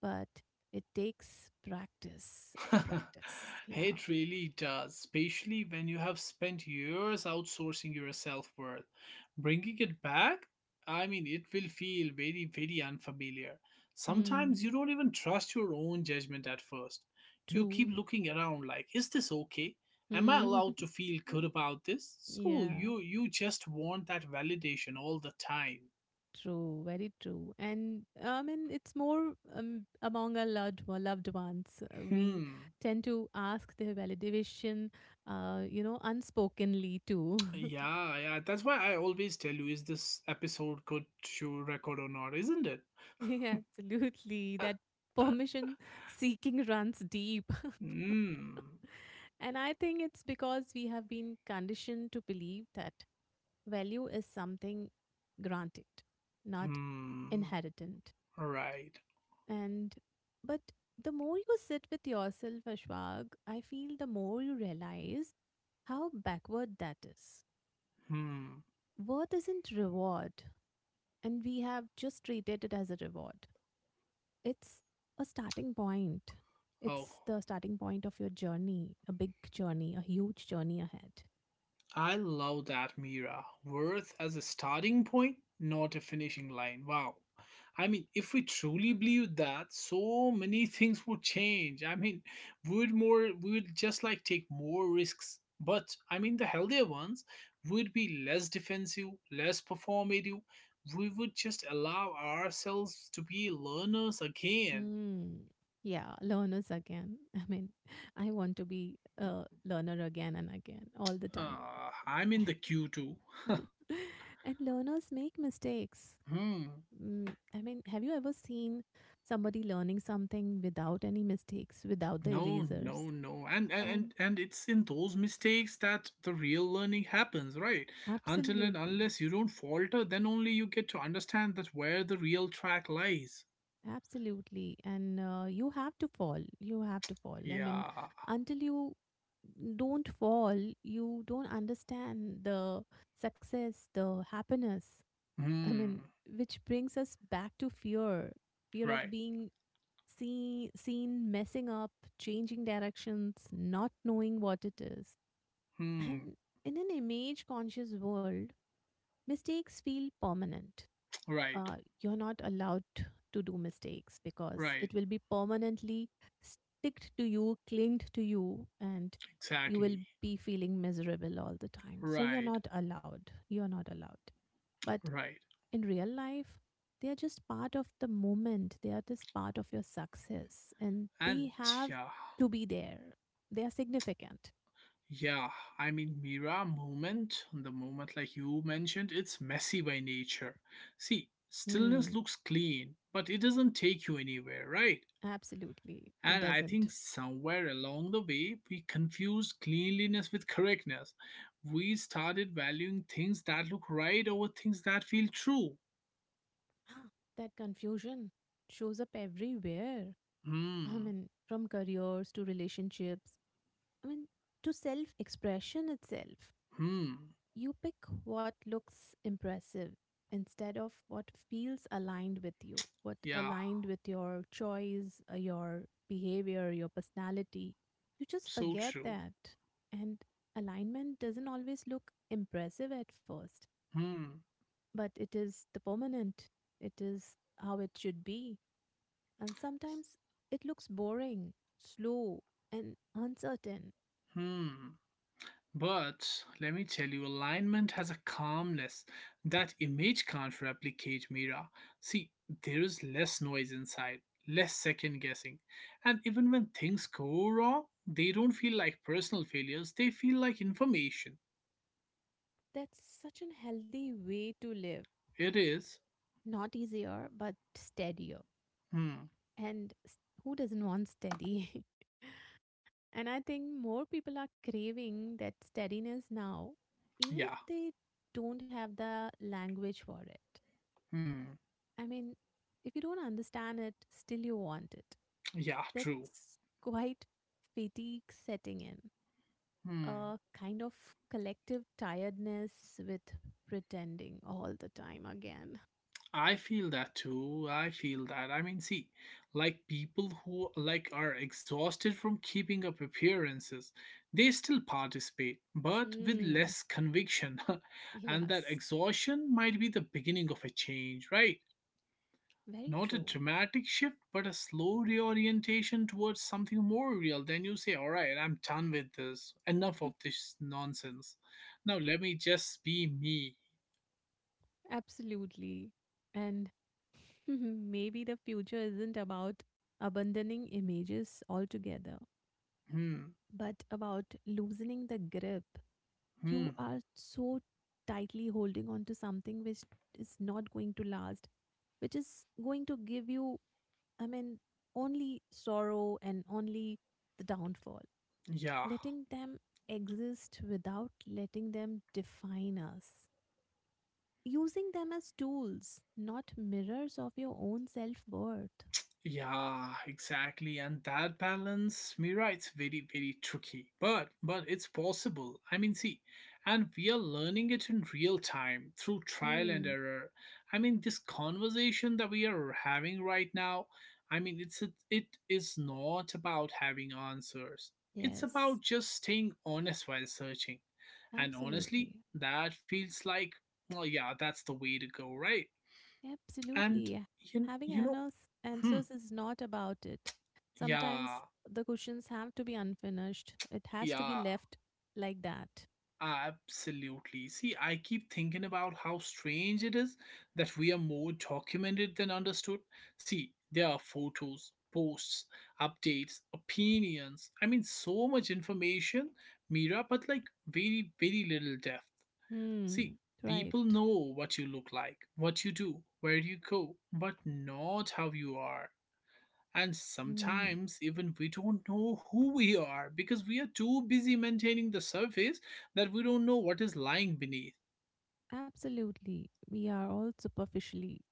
but it takes practice and practice. Yeah. It really does, especially when you have spent years outsourcing your self worth. Bringing it back, I mean, it will feel very, very unfamiliar. Sometimes Hmm. you don't even trust your own judgment at first. You keep True. looking around like, is this okay? Am I Hmm. allowed to feel good about this? So Yeah. you you just want that validation all the time. True. Very true. And I mean, it's more um, among our loved one- loved ones. Uh, We Hmm. tend to ask their validation, uh, you know, unspokenly too. Yeah, yeah. That's why I always tell you, is this episode good to record or not, isn't it? Yeah, absolutely. That permission seeking runs deep. Hmm. And I think it's because we have been conditioned to believe that value is something granted, not Hmm. inherited. Right. And but the more you sit with yourself, Ashwag, I feel the more you realize how backward that is. Hmm. Worth isn't reward, and we have just treated it as a reward. It's a starting point. Oh, It's the starting point of your journey, a big journey, a huge journey ahead. I love that, Mira. Worth as a starting point, not a finishing line. Wow. I mean, if we truly believed that, so many things would change. I mean, we would more we would just like take more risks. But I mean, the healthier ones would be less defensive, less performative. We would just allow ourselves to be learners again. Mm, yeah, learners again. I mean, I want to be a learner again and again all the time. Uh, I'm in the queue too. And learners make mistakes. Hmm. Mm, I mean, have you ever seen somebody learning something without any mistakes, without the No, erasers? no, no. And, and And and and it's in those mistakes that the real learning happens, right? Until and absolutely, unless you don't falter, then only you get to understand that where the real track lies. absolutely. And uh, you have to fall. You have to fall. I mean, Yeah. until you don't fall, you don't understand the success, the happiness. I mean, Hmm. which brings us back to fear fear Right. of being seen, seen, messing up, changing directions, not knowing what it is. Hmm. And in an image conscious world, mistakes feel permanent. Right. Uh, you're not allowed to do mistakes because Right. it will be permanently sticked to you, clinged to you, and you will Exactly. be feeling miserable all the time. So you're Right. not allowed. You're not allowed. But Right. in real life, they are just part of the moment. They are just part of your success and And they have yeah, to be there. They are significant. yeah, I mean, Mira movement, the movement like you mentioned, it's messy by nature. See, stillness Hmm, looks clean, but it doesn't take you anywhere, right? absolutely. It And I doesn't. think somewhere along the way, we confused cleanliness with correctness. We started valuing things that look right over things that feel true. That confusion shows up everywhere. I Hmm, mean, from careers to relationships, I mean, to self expression itself. hmm, You pick what looks impressive instead of what feels aligned with you, what yeah, aligned with your choice, uh, your behavior, your personality. You just so forget true. that. And alignment doesn't always look impressive at first, Hmm, but it is the permanent, it is how it should be. And sometimes it looks boring, slow, and uncertain. hmm. But let me tell you, alignment has a calmness that image can't replicate, Mira. See, there is less noise inside, less second guessing. And even when things go wrong, they don't feel like personal failures, they feel like information. That's such an healthy way to live. It is, Not easier, but steadier. hmm, And s- who doesn't want steady? And I think more people are craving that steadiness now, even if yeah, they don't have the language for it. hmm, I mean, if you don't understand it, still you want it. yeah, true. That's quite fatigue setting in, Hmm. a kind of collective tiredness with pretending all the time again. I feel that too. I feel that. I mean, see, like people who like are exhausted from keeping up appearances, they still participate, but with Mm, less conviction. And that yes, exhaustion might be the beginning of a change, right? very Not a true. dramatic shift, but a slow reorientation towards something more real. Then you say, all right, I'm done with this. Enough of this nonsense. Now let me just be me. Absolutely. And maybe the future isn't about abandoning images altogether, Hmm. but about loosening the grip. Hmm. You are so tightly holding on to something which is not going to last, which is going to give you, I mean, only sorrow and only the downfall. Yeah. Letting them exist without letting them define us, using them as tools, not mirrors of your own self worth. Yeah, exactly. And that balance, Mira, it's very, very tricky. But but it's possible. I mean, see, and we are learning it in real time through trial and Mm, error. I mean, this conversation that we are having right now, I mean, it's a, it is not about having answers. It's yes, about just staying honest while searching. And honestly, absolutely. that feels like, well, yeah, that's the way to go, right? And Absolutely. you, Having you know, annos- hmm, Answers is not about it. yeah. Sometimes the questions have to be unfinished, it has to be Yeah, left like that. absolutely. See, I keep thinking about how strange it is that we are more documented than understood. See, there are photos, posts, updates, opinions. I mean, so much information, Mira, but like very, very little depth. See, Hmm. people Right. know what you look like, what you do, where you go, but not how you are. And Hmm. sometimes even we don't know who we are because we are too busy maintaining the surface that we don't know what is lying beneath. Absolutely. We are all superficially,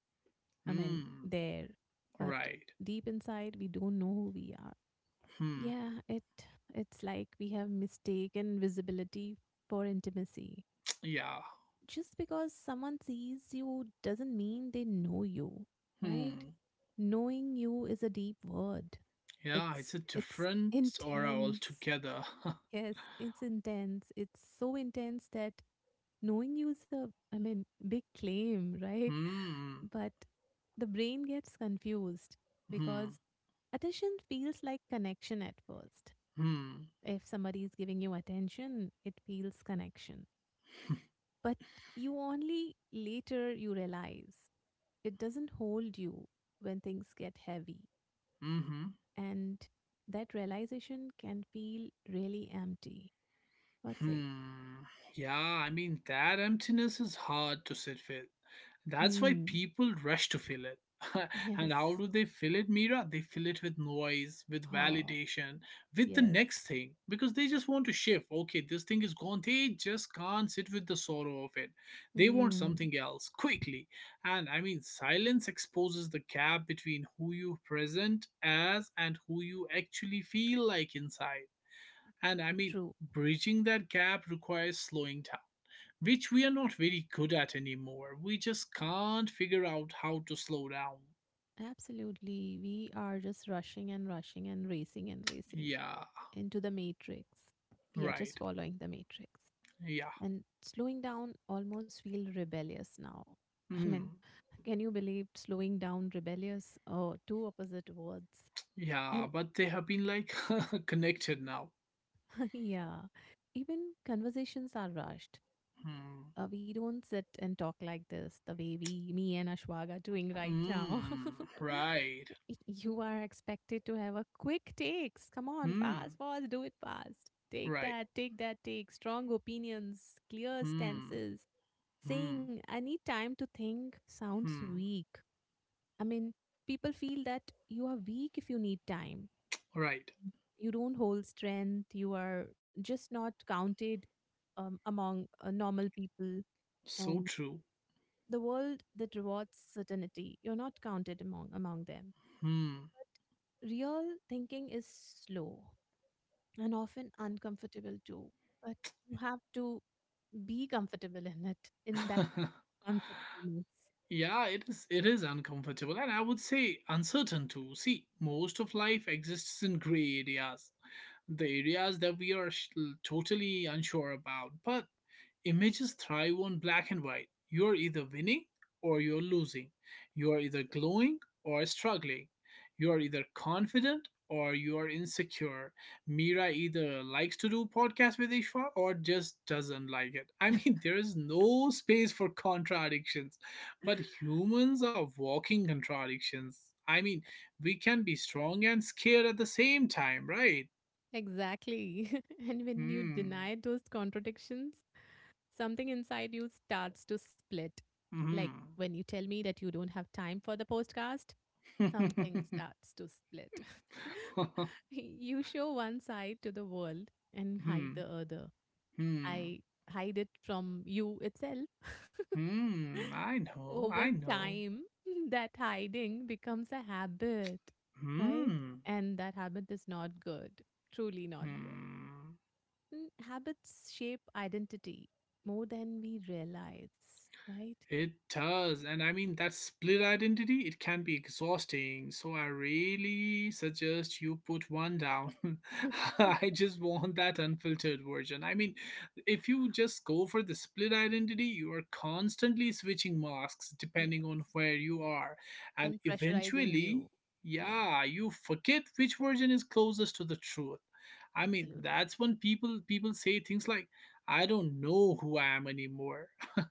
I mean, Hmm, there, but right. deep inside, we don't know who we are. Hmm, Yeah, it it's like we have mistaken visibility for intimacy. yeah. Just because someone sees you doesn't mean they know you, right? Hmm, Knowing you is a deep word. yeah, It's it's a it's different aura intense. altogether. Yes, it's intense. It's so intense that knowing you is a, I mean, big claim, right? hmm, But the brain gets confused hmm, because attention feels like connection at first. hmm, If somebody is giving you attention, it feels connection. But you only later you realize it doesn't hold you when things get heavy. hmm, And that realization can feel really empty. What's it? hmm. Yeah, I mean, that emptiness is hard to sit with. That's why Hmm. people rush to fill it. And how Yes. do they fill it, Mira? They fill it with noise, with Oh, validation, with the next yes. thing because they just want to shift. Okay, this thing is gone. They just can't sit with the sorrow of it. They want Hmm. something else quickly. And I mean, silence exposes the gap between who you present as and who you actually feel like inside. And I mean, True. bridging that gap requires slowing down which we are not very good at anymore. We just can't figure out how to slow down. Absolutely. We are just rushing and rushing and racing and racing Yeah, into the matrix. We are just right. following the matrix. Yeah. And slowing down almost feel rebellious now. I Mm. mean, can you believe slowing down rebellious? Oh, two opposite words. Yeah, And but they have been like connected now. yeah, even conversations are rushed. Hmm. Uh, we don't sit and talk like this the way we, me and Ashwag are doing right now. Mm. Right. Y- you are expected to have a quick takes. Come on, Hmm. fast, fast, do it fast. Take Right. that, take that, take strong opinions, clear Hmm. stances. Hmm. Saying, I need time to think sounds Hmm. weak. I mean, people feel that you are weak if you need time. Right. You don't hold strength. You are just not counted um, among uh, normal people So and true. the world that rewards certainty. You're not counted among, among them. Hmm. But real thinking is slow and often uncomfortable too. But you have to be comfortable in it, in that comfortableness. Yeah, it is it is uncomfortable and I would say uncertain too. See, most of life exists in gray areas. The areas that we are sh- Totally unsure about. But images thrive on black and white. You're either winning or you're losing. You are either glowing or struggling. You are either confident or you are insecure. Mira either likes to do podcasts with Ishwa or just doesn't like it. I mean, there is no space for contradictions, but humans are walking contradictions. I mean, we can be strong and scared at the same time, right? Exactly. And when you Hmm. deny those contradictions, something inside you starts to split. Like Hmm. when you tell me that you don't have time for the podcast, something starts to split. You show one side to the world and hide hmm. the other. Hmm. I hide it from you itself. Hmm. I know. Over I know. time, that hiding becomes a habit, right? Hmm. And that habit is not good, truly not good. Hmm. Mm, habits shape identity more than we realize, right? It does. And I mean, that split identity, it can be exhausting. So I really suggest you put one down. I just want that unfiltered version. I mean, if you just go for the split identity, you are constantly switching masks depending on Yes. where you are. And And pressurizing eventually, you. Yeah, yeah, you forget which version is closest to the truth. I mean, absolutely. that's when people people say things like, I don't know who I am anymore.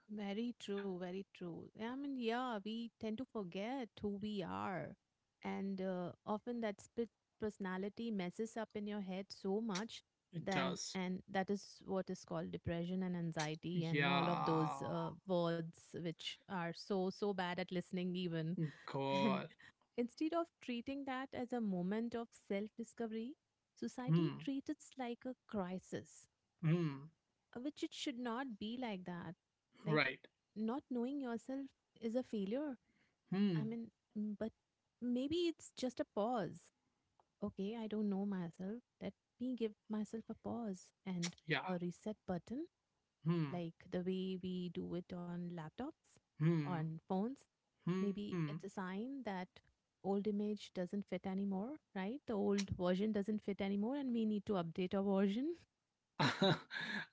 Very true, very true. I mean, yeah, we tend to forget who we are. And uh, often that split personality messes up in your head so much It then does. and that is what is called depression and anxiety and all of Yeah. those uh, words which are so so bad at listening even. And God. instead of treating that as a moment of self discovery, society Hmm. treats it like a crisis, Hmm. uh, which it should not be like that. Like, Right. not knowing yourself is a failure. I Hmm. mean, mm, but maybe it's just a pause. Okay, I don't know myself. Let me give myself a pause and Yeah. a reset button Hmm. like the way we do it on laptops, Hmm. on phones. Hmm. Maybe it's a sign that old image doesn't fit anymore, right? The old version doesn't fit anymore and we need to update our version.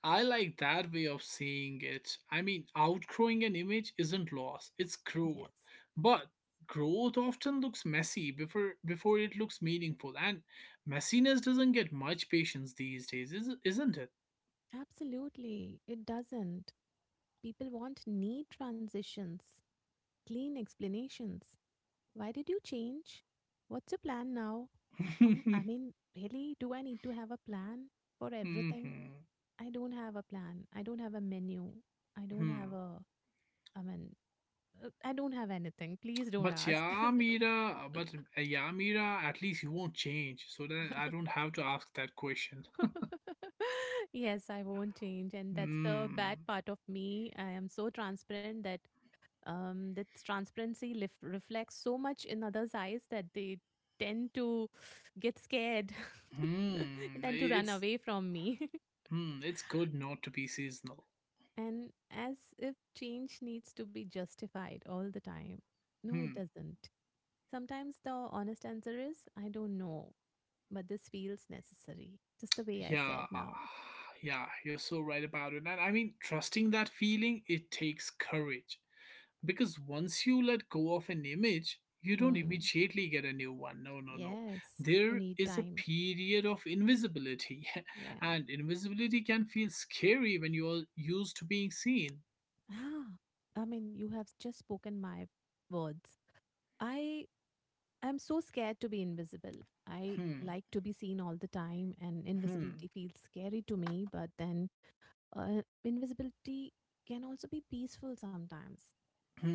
I like that way of seeing it. I mean, outgrowing an image isn't loss, it's Yes. growth. But growth often looks messy before before it looks meaningful, and messiness doesn't get much patience these days, is- isn't it? Absolutely. It doesn't. People want neat transitions, clean explanations. Why did you change? What's your plan now? Um, I mean, really, do I need to have a plan for everything? hmm I don't have a plan. I don't have a menu. I don't have hmm. a, I mean, uh, I don't have anything. Please don't But ask. yeah, Mira, but uh, yeah, Mira, at least you won't change, so then I don't have to ask that question. Yes, I won't change. And that's the bad Hmm. part of me. I am so transparent that um, that transparency lif- reflects so much in others' eyes that they tend to get scared and Hmm. then to run It's away from me. hmm. It's good not to be seasonal. And as if change needs to be justified all the time. No, it Hmm. doesn't. Sometimes the honest answer is, I don't know, but this feels necessary. Just the way I said Yeah. now. Yeah. You're so right about it. And I mean, trusting that feeling, it takes courage, because once you let go of an image you don't Hmm. immediately get a new one. No, no, no. Yes, There you need is a time. period of invisibility. Yeah. And invisibility can feel scary when you are used to being seen. Ah, I mean, you have just spoken my words. I am so scared to be invisible. I Hmm, like to be seen all the time, and invisibility hmm, feels scary to me, but then uh, invisibility can also be peaceful sometimes.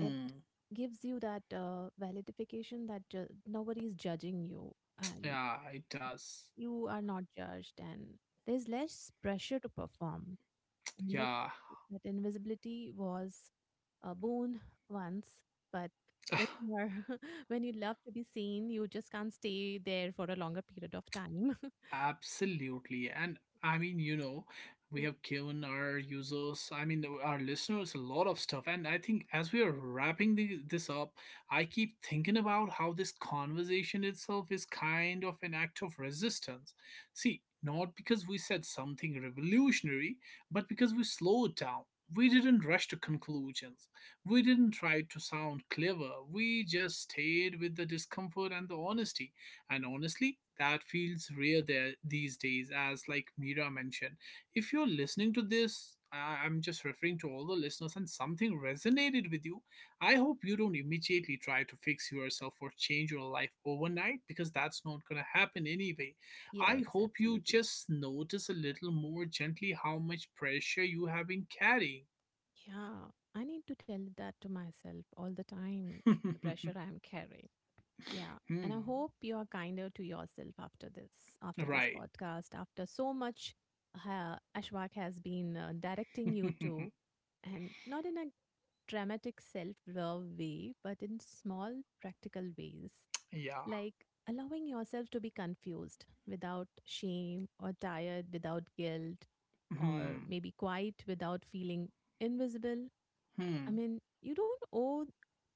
It gives you that uh, validification that ju- nobody is judging you and yeah, it does, you are not judged and there's less pressure to perform and that yeah. that invisibility was a boon once but when you are- when you love to be seen you just can't stay there for a longer period of time. Absolutely. And I mean, you know, we Yeah. have given our users, I mean, our listeners a lot of stuff. And I think as we are wrapping the, this up, I keep thinking about how this conversation itself is kind of an act of resistance. See, not because we said something revolutionary, but because we slowed down. We didn't rush to conclusions. We didn't try to sound clever. We just stayed with the discomfort and the honesty, and honestly, that feels rare there these days, as like Mira mentioned. If you're listening to this, I- I'm just referring to all the listeners and something resonated with you. I hope you don't immediately try to fix yourself or change your life overnight because that's not going to happen anyway. I Yes, hope you absolutely. just notice a little more gently how much pressure you have been carrying. Yeah, I need to tell that to myself all the time, the pressure I'm carrying. Yeah. Hmm. And I hope you are kinder to yourself after this, after this Right. podcast, after so much uh, Ashwak has been uh, directing you to, and not in a dramatic self love way, but in small, practical ways, Yeah. like allowing yourself to be confused without shame or tired without guilt, or Hmm. maybe quiet without feeling invisible. I Hmm. mean, you don't owe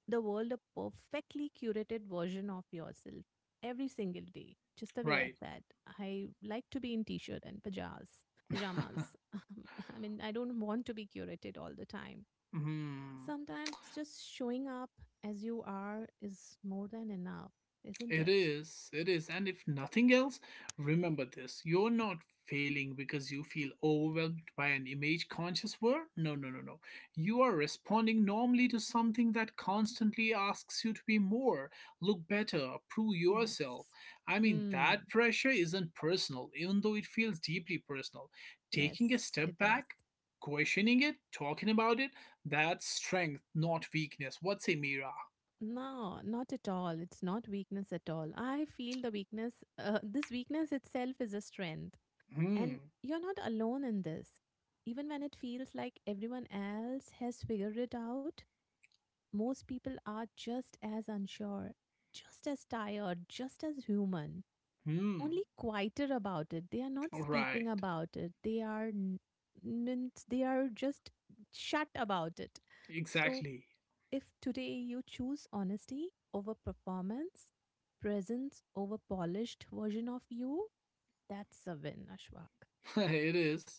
the world a perfectly curated version of yourself every single day. Just the way I Right. said, I like to be in t-shirt and pajamas. Pajamas. I mean, I don't want to be curated all the time. Hmm, Sometimes just showing up as you are is more than enough, isn't it it? is. It is. And if nothing else, remember this. You're not failing because you feel overwhelmed by an image conscious word. No, no, no, no. You are responding normally to something that constantly asks you to be more, look better, prove yourself. Yes. I mean, Hmm. that pressure isn't personal, even though it feels deeply personal. Yes, Taking a it step does. back, questioning it, talking about it, that's strength, not weakness. What's a Mira? No, not at all. It's not weakness at all. I feel the weakness, uh, this weakness itself is a strength. Hmm. And you're not alone in this. Even when it feels like everyone else has figured it out, most people are just as unsure, just as tired, just as human, Hmm. only quieter about it. They are not Right, speaking about it. They are n- n- they are just shut about it. So exactly. if today you choose honesty over performance, presence over polished version of you, that's a win, Ashwak, It is.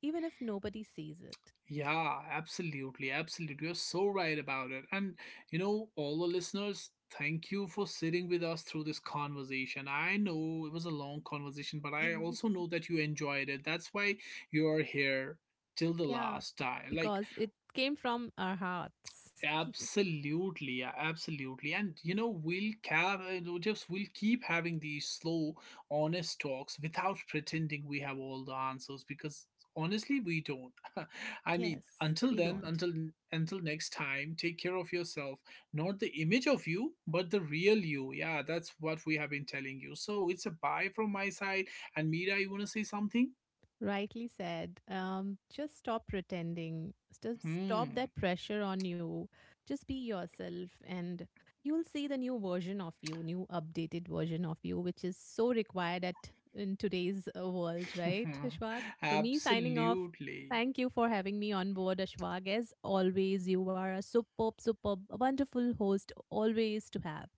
even if nobody sees it. Yeah, absolutely, absolutely. You're so right about it. And you know, all the listeners, thank you for sitting with us through this conversation. I know it was a long conversation, but I also know that you enjoyed it. That's why you are here till the Yeah, last time. Like because it came from our hearts. absolutely, yeah, absolutely. And you know, we'll ca- uh, no, just we'll keep having these slow, honest talks without pretending we have all the answers because honestly we don't. I mean, Yes, until we then, don't. until until next time, take care of yourself. Not the image of you, but the real you. Yeah, that's what we have been telling you. So it's a bye from my side. And Mira, you wanna say something? Rightly said. Um, just stop pretending. Just stop Hmm. that pressure on you. Just be yourself, and you'll see the new version of you, new updated version of you, which is so required at in today's uh, world, right, Ashwag? So me signing off. Absolutely. Thank you for having me on board, Ashwag. As always, you are a superb, superb, wonderful host, always to have.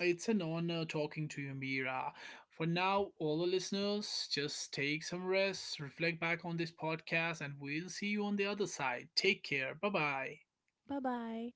It's an honor talking to you, Mira. For now, all the listeners, just take some rest, reflect back on this podcast, and we'll see you on the other side. Take care. Bye bye. Bye bye.